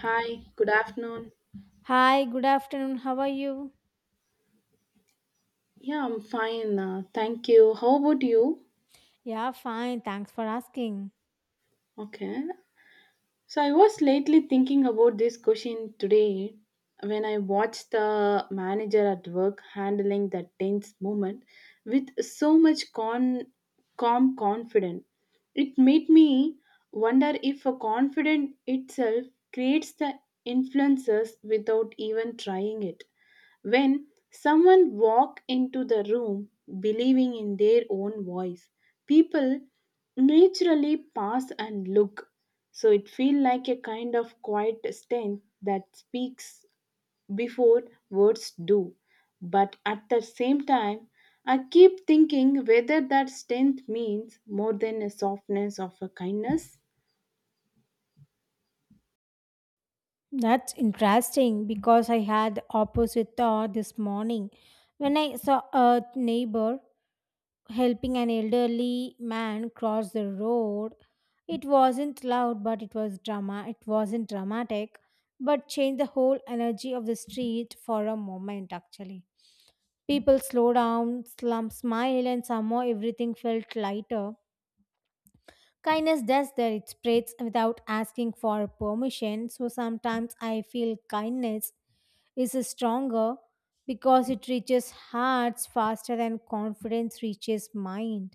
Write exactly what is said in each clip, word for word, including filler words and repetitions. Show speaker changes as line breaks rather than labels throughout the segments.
Hi, good afternoon.
Hi, good afternoon. How are you?
Yeah, I'm fine. Uh, thank you. How about you?
Yeah, fine. Thanks for asking.
Okay. So I was lately thinking about this question today when I watched the manager at work handling that tense moment with so much con- calm confidence. It made me wonder if a confidence itself creates the influences without even trying it. When someone walk into the room believing in their own voice, people naturally pass and look. So it feel like a kind of quiet strength that speaks before words do. But at the same time, I keep thinking whether that strength means more than a softness of a kindness.
That's interesting because I had opposite thought this morning when I saw a neighbor helping an elderly man cross the road. It wasn't loud, but it was drama. It wasn't dramatic, but changed the whole energy of the street for a moment actually. People slow down, slump, smile, and somehow everything felt lighter. Kindness does that, it spreads without asking for permission. So sometimes I feel kindness is stronger because it reaches hearts faster than confidence reaches mind.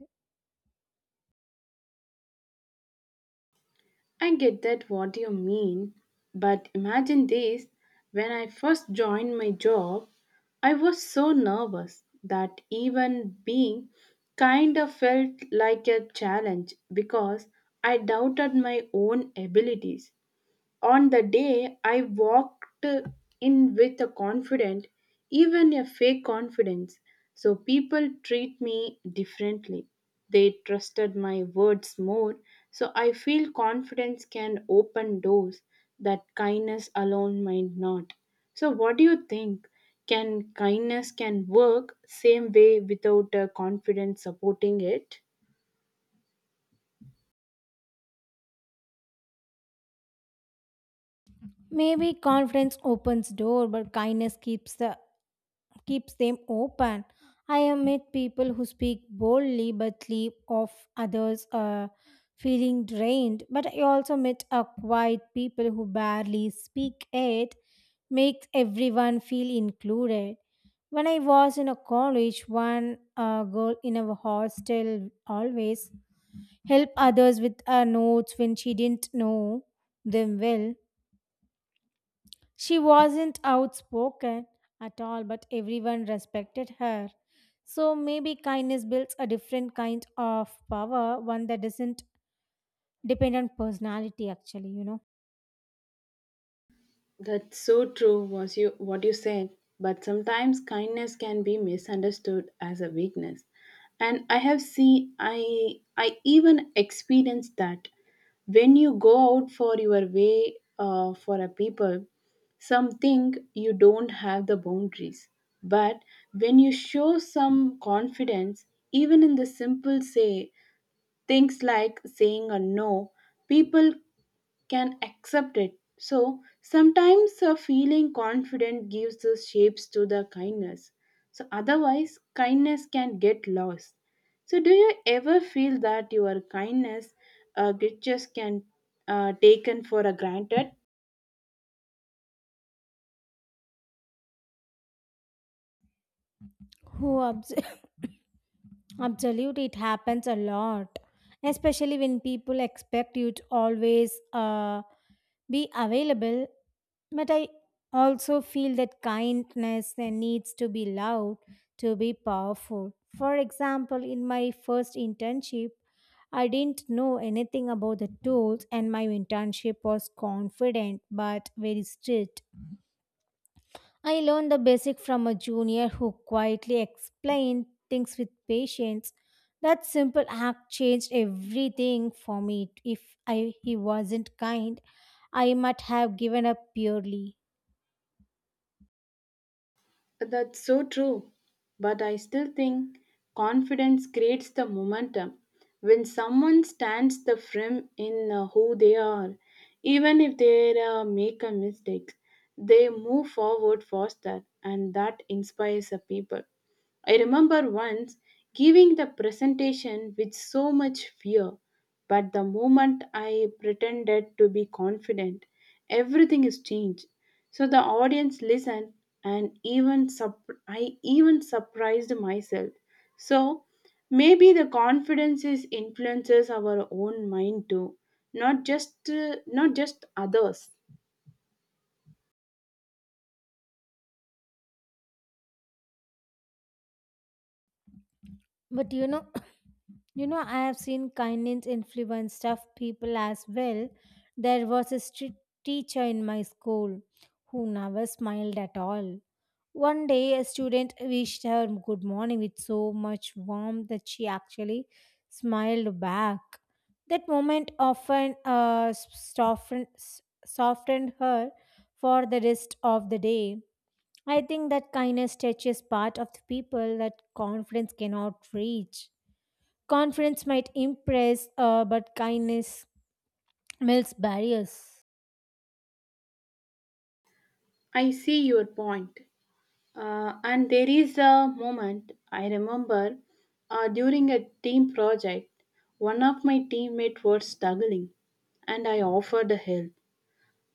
I get that what you mean, but imagine this. When I first joined my job, I was so nervous that even being kind of felt like a challenge because I doubted my own abilities. On the day, I walked in with a confident, even a fake confidence. So people treat me differently. They trusted my words more. So I feel confidence can open doors that kindness alone might not. So what do you think? Can kindness can work same way without uh, confidence supporting it?
Maybe confidence opens door, but kindness keeps the keeps them open. I have met people who speak boldly but leave off others uh, feeling drained. But I also met a quiet people who barely speak it, makes everyone feel included. When I was in a college, one uh, girl in our hostel always helped others with her notes when she didn't know them well. She wasn't outspoken at all, but everyone respected her. So maybe kindness builds a different kind of power, one that doesn't depend on personality, actually, you know.
That's so true was you what you said, but sometimes kindness can be misunderstood as a weakness. And I have seen, I I even experienced that when you go out for your way uh, for a people, some think you don't have the boundaries. But when you show some confidence, even in the simple say things like saying a no, people can accept it. So sometimes uh, feeling confident gives the shapes to the kindness. So otherwise, kindness can get lost. So do you ever feel that your kindness uh, gestures can uh, taken for a granted?
Who abs- absolutely, it happens a lot, especially when people expect you to always uh, be available. But I also feel that kindness uh, needs to be loud to be powerful. For example, in my first internship, I didn't know anything about the tools, and my internship was confident but very strict. I learned the basic from a junior who quietly explained things with patience. That simple act changed everything for me. If I, He wasn't kind, I might have given up purely.
That's so true. But I still think confidence creates the momentum. When someone stands the firm in uh, who they are, even if they uh, make a mistake, they move forward faster, and that inspires the people. I remember once giving the presentation with so much fear, but the moment I pretended to be confident, everything is changed. So the audience listened and even sup- I even surprised myself. So maybe the confidence is influences our own mind too, not just uh, not just others.
But you know, You know, I have seen kindness influence tough people as well. There was a strict teacher in my school who never smiled at all. One day, a student wished her good morning with so much warmth that she actually smiled back. That moment often uh, softened, softened her for the rest of the day. I think that kindness touches part of the people that confidence cannot reach. Confidence might impress, uh, but kindness melts barriers.
I see your point. Uh, and there is a moment I remember uh, during a team project, one of my teammates was struggling, and I offered help.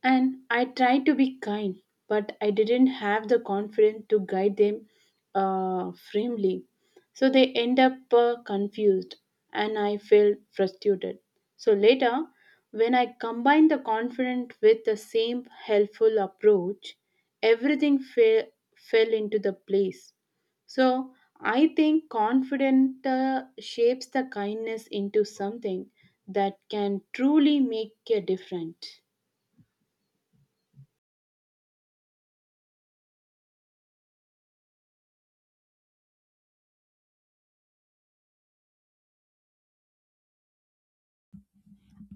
And I tried to be kind, but I didn't have the confidence to guide them uh, firmly. So they end up uh, confused, and I felt frustrated. So later, when I combined the confidence with the same helpful approach, everything fell fell into the place. So I think confidence uh, shapes the kindness into something that can truly make a difference.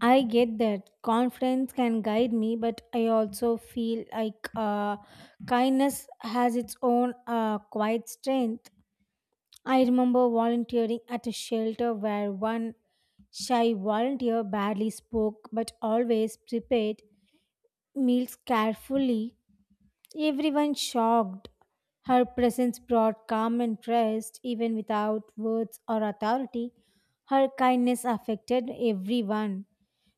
I get that confidence can guide me, but I also feel like uh, kindness has its own uh, quiet strength. I remember volunteering at a shelter where one shy volunteer barely spoke but always prepared meals carefully. Everyone shocked. Her presence brought calm and trust, even without words or authority. Her kindness affected everyone.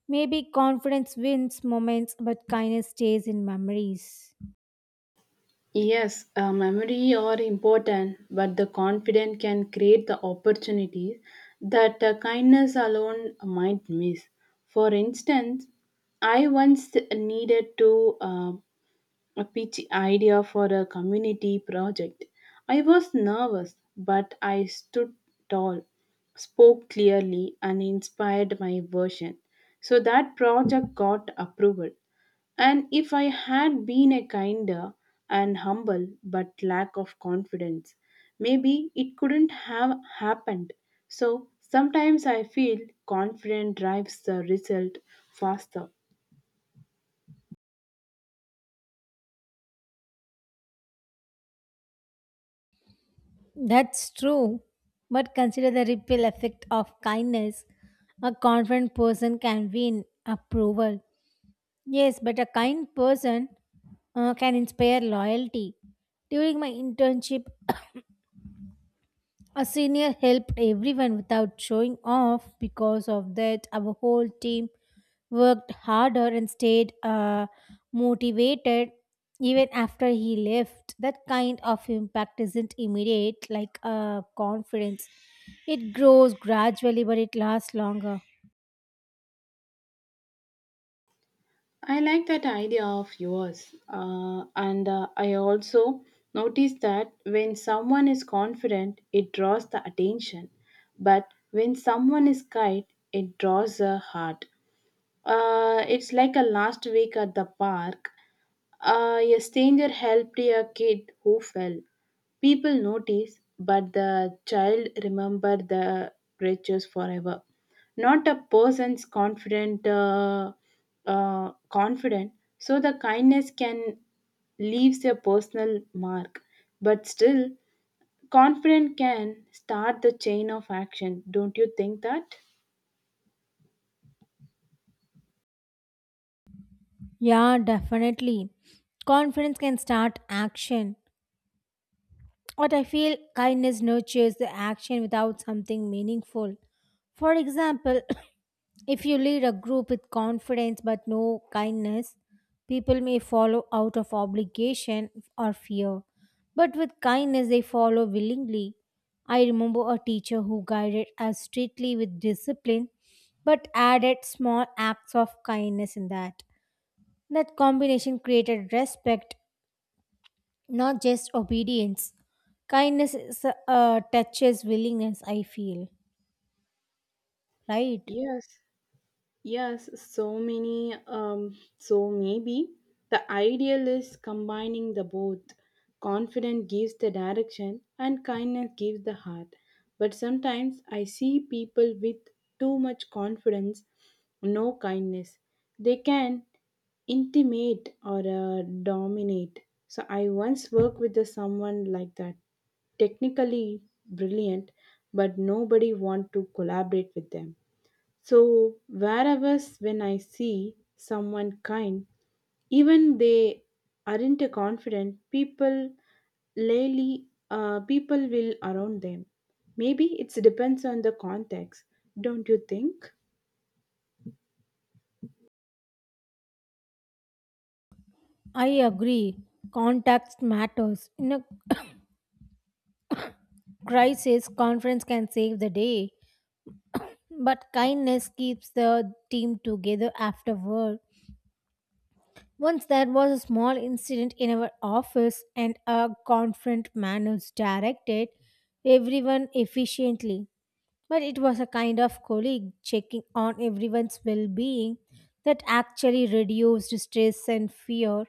Maybe confidence wins moments, but kindness stays in memories.
Yes, uh, memory are important, but the confident can create the opportunities that uh, kindness alone might miss. For instance, I once needed to uh, a pitch idea for a community project. I was nervous, but I stood tall, spoke clearly, and inspired my version. So that project got approval. And if I had been a kinder and humble but lack of confidence, maybe it couldn't have happened. So sometimes I feel confident drives the result faster.
That's true. But consider the ripple effect of kindness. A confident person can win approval. Yes, but a kind person uh, can inspire loyalty. During my internship, a senior helped everyone without showing off. Because of that, our whole team worked harder and stayed uh, motivated even after he left. That kind of impact isn't immediate, like uh, confidence. It grows gradually, but it lasts longer.
I like that idea of yours. Uh, and uh, I also noticed that when someone is confident, it draws the attention. But when someone is kind, it draws the heart. Uh, it's like a last week at the park. Uh, a stranger helped a kid who fell. People notice, but the child remember the riches forever. Not a person's confident, uh, uh, confident. So the kindness can leaves a personal mark, but still, confident can start the chain of action. Don't you think that?
Yeah, definitely. Confidence can start action, what I feel kindness nurtures the action without something meaningful. For example, if you lead a group with confidence but no kindness, people may follow out of obligation or fear. But with kindness, they follow willingly. I remember a teacher who guided us strictly with discipline but added small acts of kindness in that. That combination created respect not just obedience. Kindness is, uh, touches willingness, I feel. Right?
Yes. Yes, so many. Um, so maybe the ideal is combining the both. Confidence gives the direction, and kindness gives the heart. But sometimes I see people with too much confidence, no kindness. They can intimate or uh, dominate. So I once worked with the someone like that. Technically brilliant, but nobody want to collaborate with them. So wherever s- when I see someone kind, even they aren't a confident, people lately uh, people will around them. Maybe it depends on the context, don't you think?
I agree. Context matters. In a crisis, conference can save the day. But kindness keeps the team together afterward. Once there was a small incident in our office, and a confront managed directed everyone efficiently. But it was a kind of colleague checking on everyone's well being that actually reduced stress and fear.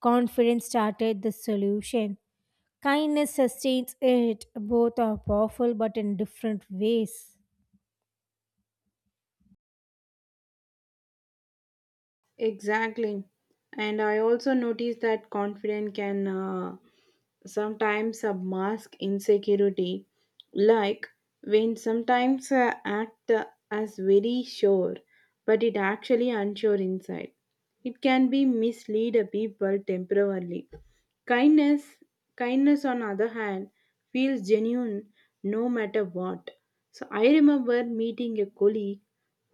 Confidence started the solution. Kindness sustains it. Both are powerful but in different ways.
Exactly. And I also noticed that confidence can uh, sometimes uh, mask insecurity. Like when sometimes uh, act uh, as very sure, but it actually unsure inside. It can be mislead a people temporarily. Kindness, kindness on other hand, feels genuine no matter what. So I remember meeting a colleague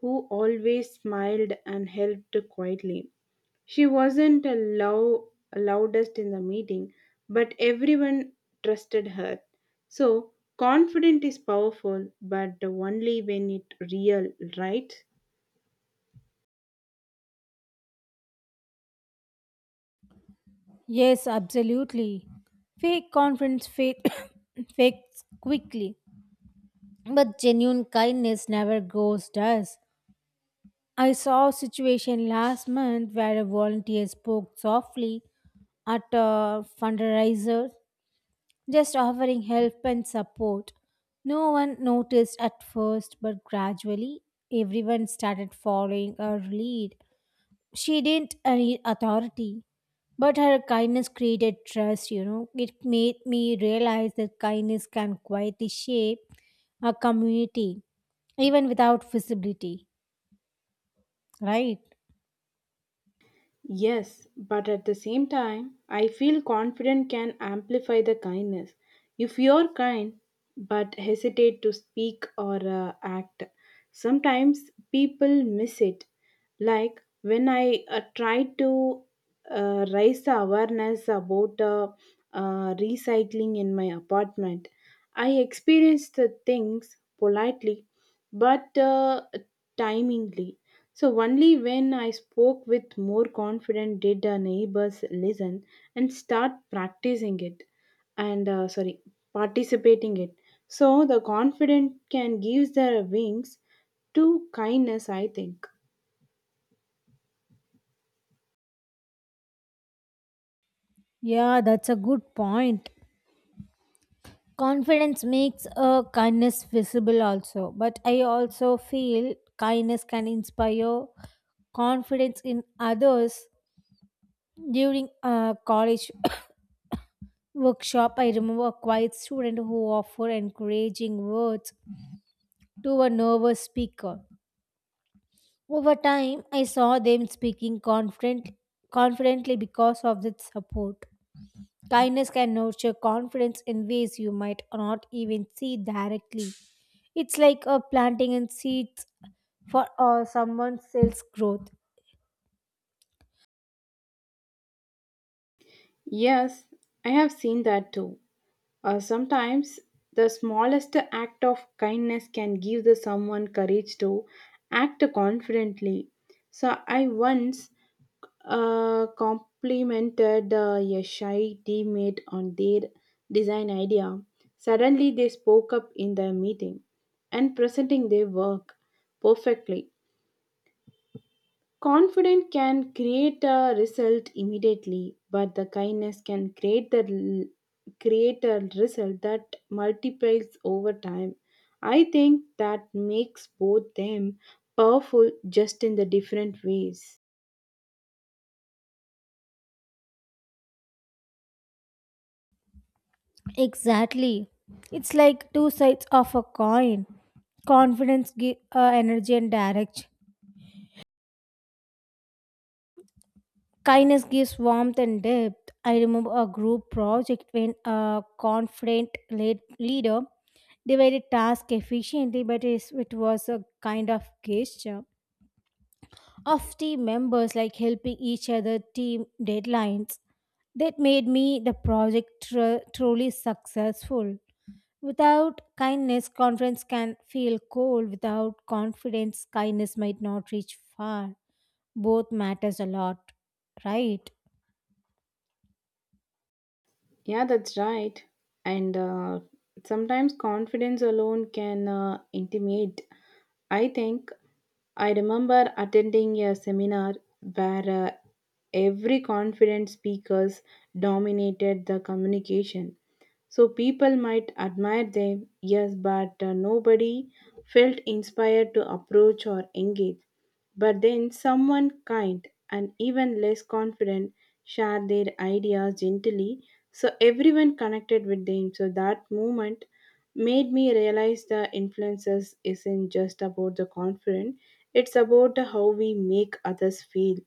who always smiled and helped quietly. She wasn't a lou- loudest in the meeting, but everyone trusted her. So, confident is powerful, but only when it real, right?
Yes, absolutely. Fake confidence fade, fades quickly, but genuine kindness never goes does. I saw a situation last month where a volunteer spoke softly at a fundraiser, just offering help and support. No one noticed at first, but gradually everyone started following her lead. She didn't need authority, but her kindness created trust, you know. It made me realize that kindness can quietly shape a community, even without visibility, right?
Yes, but at the same time, I feel confident can amplify the kindness. If you're kind but hesitate to speak or uh, act, sometimes people miss it. Like when I uh, tried to uh, raise the awareness about uh, uh, recycling in my apartment. I experienced the things politely but uh, timingly. So, only when I spoke with more confidence did the neighbors listen and start practicing it and uh, sorry, participating it. So, the confident can give their wings to kindness, I think.
Yeah, that's a good point. Confidence makes a kindness visible, also, but I also feel kindness can inspire confidence in others during uh, college workshop, I remember a quiet student who offered encouraging words to a nervous speaker. Over time, I saw them speaking confident, confidently because of that support. Kindness can nurture confidence in ways you might not even see directly. It's like a planting in seeds for uh, someone's sales growth.
Yes, I have seen that too. Uh, sometimes the smallest act of kindness can give the someone courage to act confidently. So I once uh, complimented uh, a shy teammate on their design idea. Suddenly they spoke up in the meeting and presenting their work perfectly. Confidence can create a result immediately, but the kindness can create the l- create a result that multiplies over time. I think that makes both them powerful just in the different ways.
Exactly. It's like two sides of a coin confidence, gi- uh, energy, and direction. Kindness gives warmth and depth. I remember a group project when a confident lead- leader divided tasks efficiently, but it's- it was a kind of gesture of team members like helping each other team deadlines that made me the project tru- truly successful. Without kindness, confidence can feel cold. Without confidence, kindness might not reach far. Both matters a lot, right?
Yeah, that's right. And uh, sometimes confidence alone can uh, intimidate. I think I remember attending a seminar where uh, every confident speakers dominated the communication. So people might admire them, yes, but uh, nobody felt inspired to approach or engage. But then someone kind and even less confident shared their ideas gently, so everyone connected with them. So that moment made me realize the influences isn't just about the confident, it's about how we make others feel.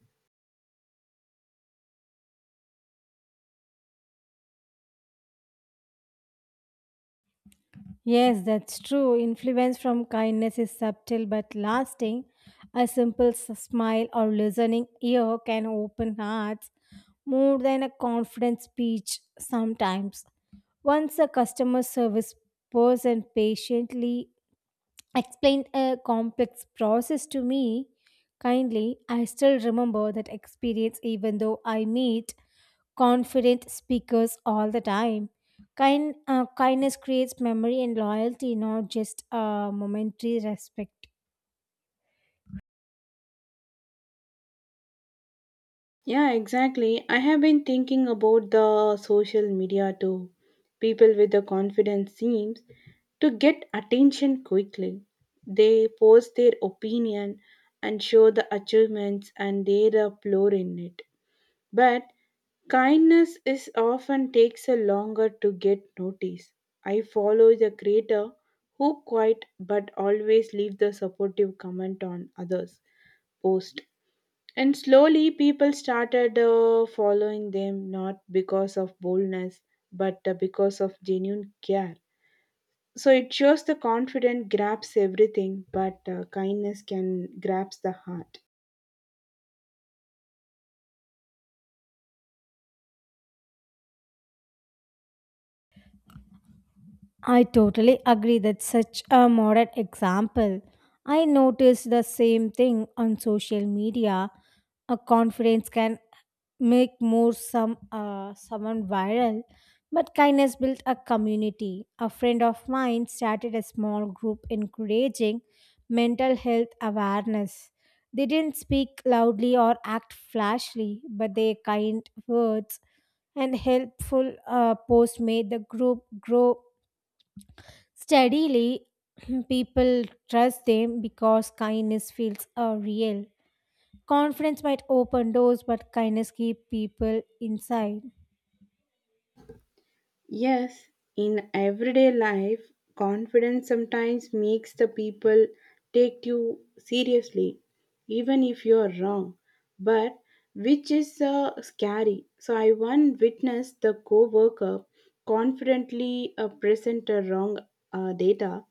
Yes, that's true. Influence from kindness is subtle but lasting. A simple s- smile or listening ear can open hearts more than a confident speech sometimes. Once a customer service person patiently explained a complex process to me kindly, I still remember that experience even though I meet confident speakers all the time. Kind, uh, kindness creates memory and loyalty, not just uh, momentary respect.
Yeah, exactly. I have been thinking about the social media too. People with the confidence seems to get attention quickly. They post their opinion and show the achievements and their upload in it. But kindness is often takes a longer to get noticed. I follow the creator who quite but always leave the supportive comment on others post and slowly people started uh, following them not because of boldness but uh, because of genuine care. So it shows the confident grabs everything, but uh, kindness can grabs the heart.
I totally agree that such a modern example. I noticed the same thing on social media. A confidence can make more some uh, someone viral but kindness built a community. A friend of mine started a small group encouraging mental health awareness. They didn't speak loudly or act flashily but their kind words and helpful uh, posts made the group grow steadily. People trust them because kindness feels uh, real. Confidence might open doors but kindness keep people inside.
Yes, in everyday life, confidence sometimes makes the people take you seriously, even if you're wrong. But which is uh, scary. So I once witnessed the co-worker confidently uh, present a wrong uh, data,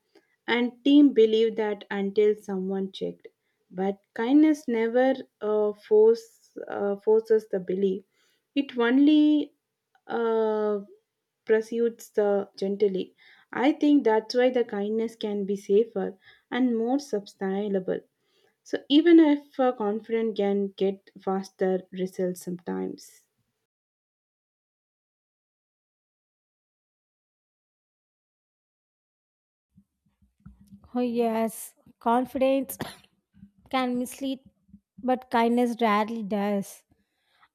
and team believed that until someone checked. But kindness never uh, force uh, forces the belief. It only uh, pursues the gently. I think that's why the kindness can be safer and more sustainable. So even if uh, confident can get faster results sometimes.
Oh, yes, confidence can mislead, but kindness rarely does.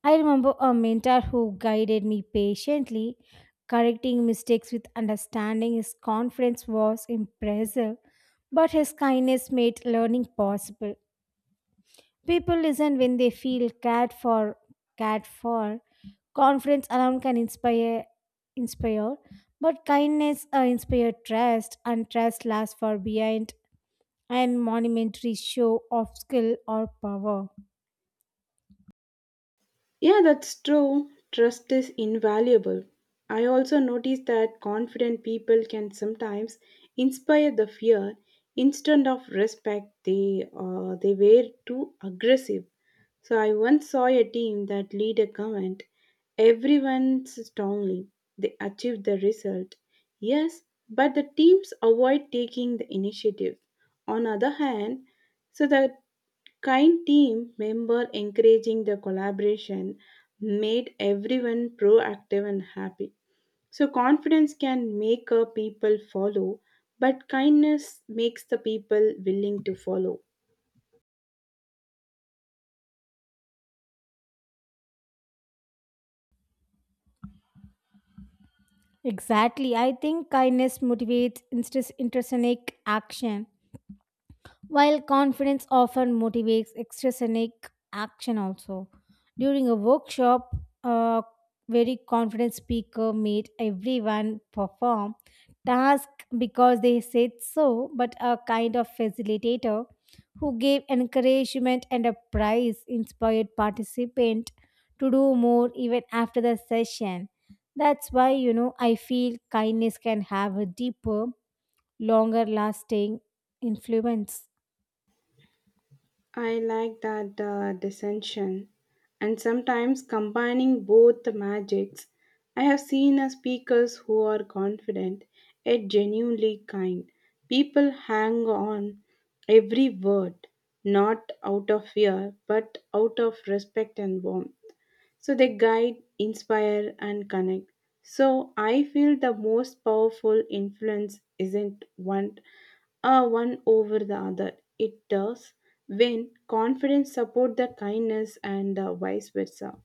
I remember a mentor who guided me patiently, correcting mistakes with understanding. His confidence was impressive, but his kindness made learning possible. People listen when they feel cared for. Cared for. Confidence alone can inspire, inspire, but kindness uh, inspire trust, and trust lasts for beyond and monumentary show of skill or power.
Yeah, that's true. Trust is invaluable. I also noticed that confident people can sometimes inspire the fear instead of respect they uh, they were too aggressive. So I once saw a team that lead a comment, everyone strongly. They achieved the result. Yes, but the teams avoid taking the initiative. On other hand, so the Kind team member encouraging the collaboration made everyone proactive and happy. So confidence can make a people follow, but kindness makes the people willing to follow.
Exactly. I think kindness motivates instance intersonic action. While confidence often motivates extrinsic action, also during a workshop, a very confident speaker made everyone perform task because they said so, but a kind of facilitator who gave encouragement and a prize inspired participant to do more even after the session. That's why you know I feel kindness can have a deeper, longer lasting influence.
I like that uh, dissension. And sometimes combining both the magics, I have seen uh, speakers who are confident yet genuinely kind. People hang on every word, not out of fear, but out of respect and warmth. So they guide, inspire, and connect. So I feel the most powerful influence isn't one uh, one over the other. It does when confidence support the kindness and uh, vice versa.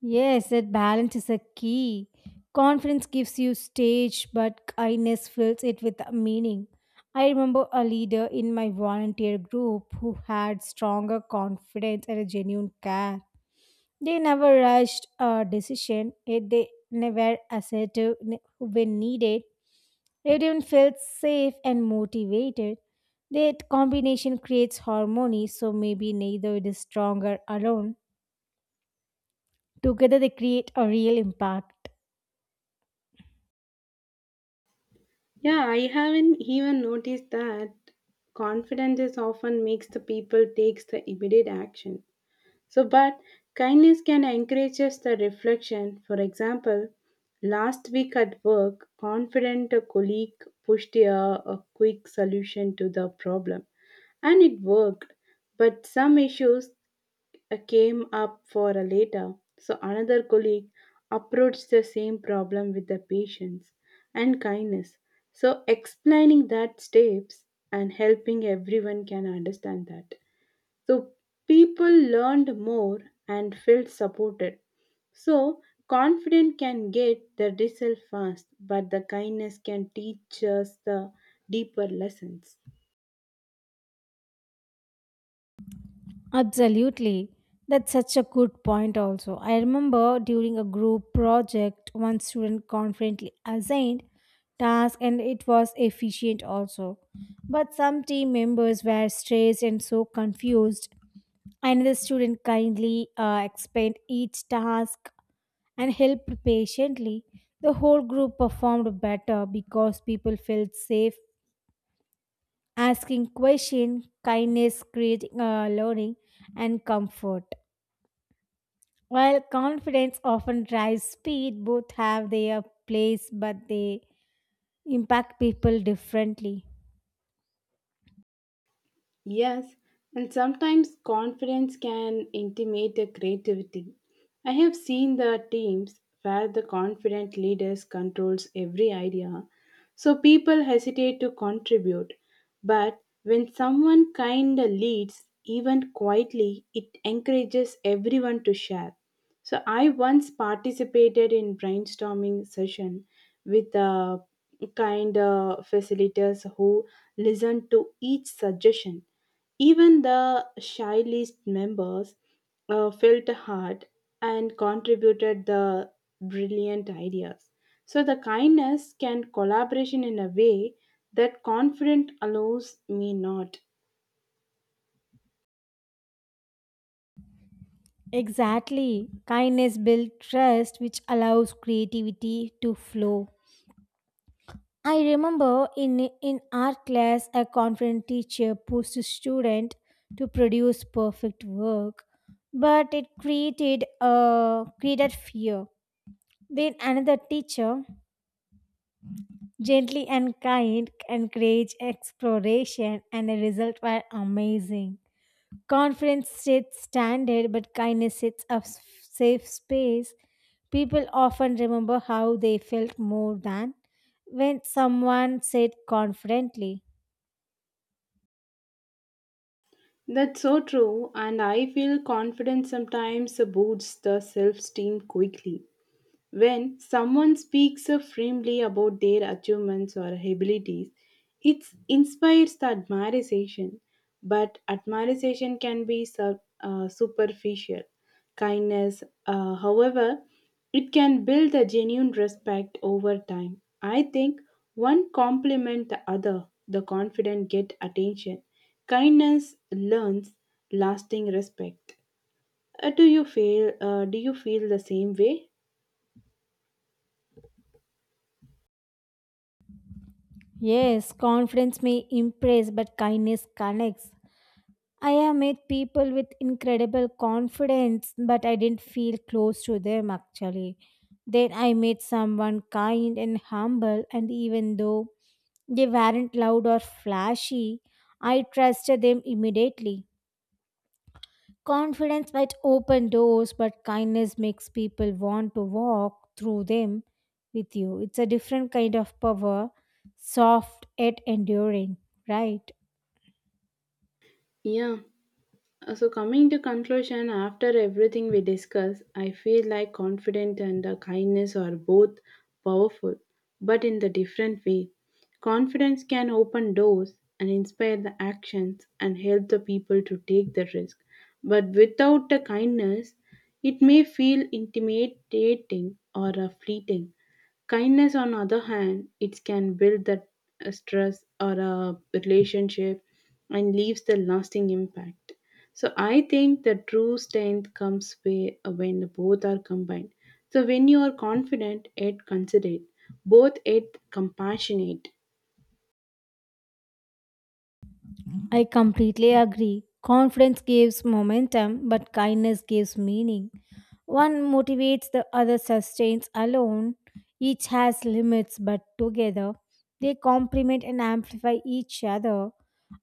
Yes, that balance is a key. Confidence gives you stage, but kindness fills it with meaning. I remember a leader in my volunteer group who had stronger confidence and a genuine care. They never rushed a decision, yet they never assertive ne- when needed. Everyone felt safe and motivated. That combination creates harmony, so maybe neither is stronger alone. Together they create a real impact.
Yeah, I haven't even noticed that confidence is often makes the people takes the immediate action. So, but kindness can encourage us the reflection. For example, last week at work, confident a colleague pushed a, a quick solution to the problem, and it worked. But some issues uh, came up for a later. So another colleague approached the same problem with the patience and kindness. So explaining that steps and helping everyone can understand that. So people learned more and felt supported. So confidence can get the result fast, but the kindness can teach us the deeper lessons.
Absolutely. That's such a good point, also. I remember during a group project, one student confidently assigned task and it was efficient also but some team members were stressed and so confused. Another student kindly uh, explained each task and helped patiently. The whole group performed better because people felt safe asking questions, kindness creating uh, learning and comfort. While confidence often drives speed, both have their place, but they impact people differently.
Yes, and sometimes confidence can intimidate the creativity. I have seen the teams where the confident leaders controls every idea, so people hesitate to contribute. But when someone kind leads, even quietly, it encourages everyone to share. So I once participated in brainstorming session with uh, kind uh, facilitators who listened to each suggestion. Even the shy list members uh, felt heard and contributed the brilliant ideas. So the kindness can collaboration in a way that confident allows me not.
Exactly. Kindness builds trust, which allows creativity to flow. I remember in, in art class, a confident teacher pushed a student to produce perfect work, but it created, uh, created fear. Then another teacher, gently and kind, encouraged exploration, and the results were amazing. Conference sets standard, but kindness sets a s- safe space. People often remember how they felt more than when someone said confidently.
That's so true, and I feel confidence sometimes boosts the self esteem quickly. When someone speaks so firmly about their achievements or abilities, it inspires the admiration, but admiration can be sur- uh, superficial. Kindness, uh, however, it can build a genuine respect over time. I think one complement the other, the confident get attention. Kindness learns lasting respect. Uh, do you feel? Uh, do you feel the same way?
Yes, confidence may impress, but kindness connects. I have met people with incredible confidence, but I didn't feel close to them actually. Then I met someone kind and humble, and even though they weren't loud or flashy, I trusted them immediately. Confidence might open doors, but kindness makes people want to walk through them with you. It's a different kind of power, soft yet enduring, right?
Yeah. Uh, So, coming to conclusion, after everything we discuss, I feel like confidence and uh, kindness are both powerful, but in the different way. Confidence can open doors and inspire the actions and help the people to take the risk. But without the kindness, it may feel intimidating or uh, fleeting. Kindness, on the other hand, it can build that uh, stress or a relationship and leaves the lasting impact. So I think the true strength comes way- uh, when the both are combined. So when you are confident, yet considerate, both yet compassionate.
I completely agree. Confidence gives momentum, but kindness gives meaning. One motivates, the other sustains alone. Each has limits, but together they complement and amplify each other.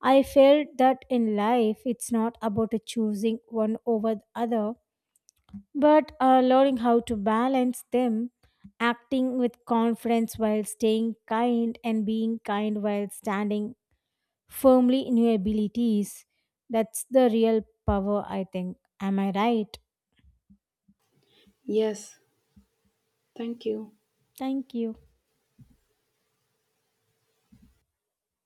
I felt that in life it's not about choosing one over the other, but uh, learning how to balance them, acting with confidence while staying kind, and being kind while standing firmly in your abilities. That's the real power, I think. Am I right?
Yes, thank you.
Thank you.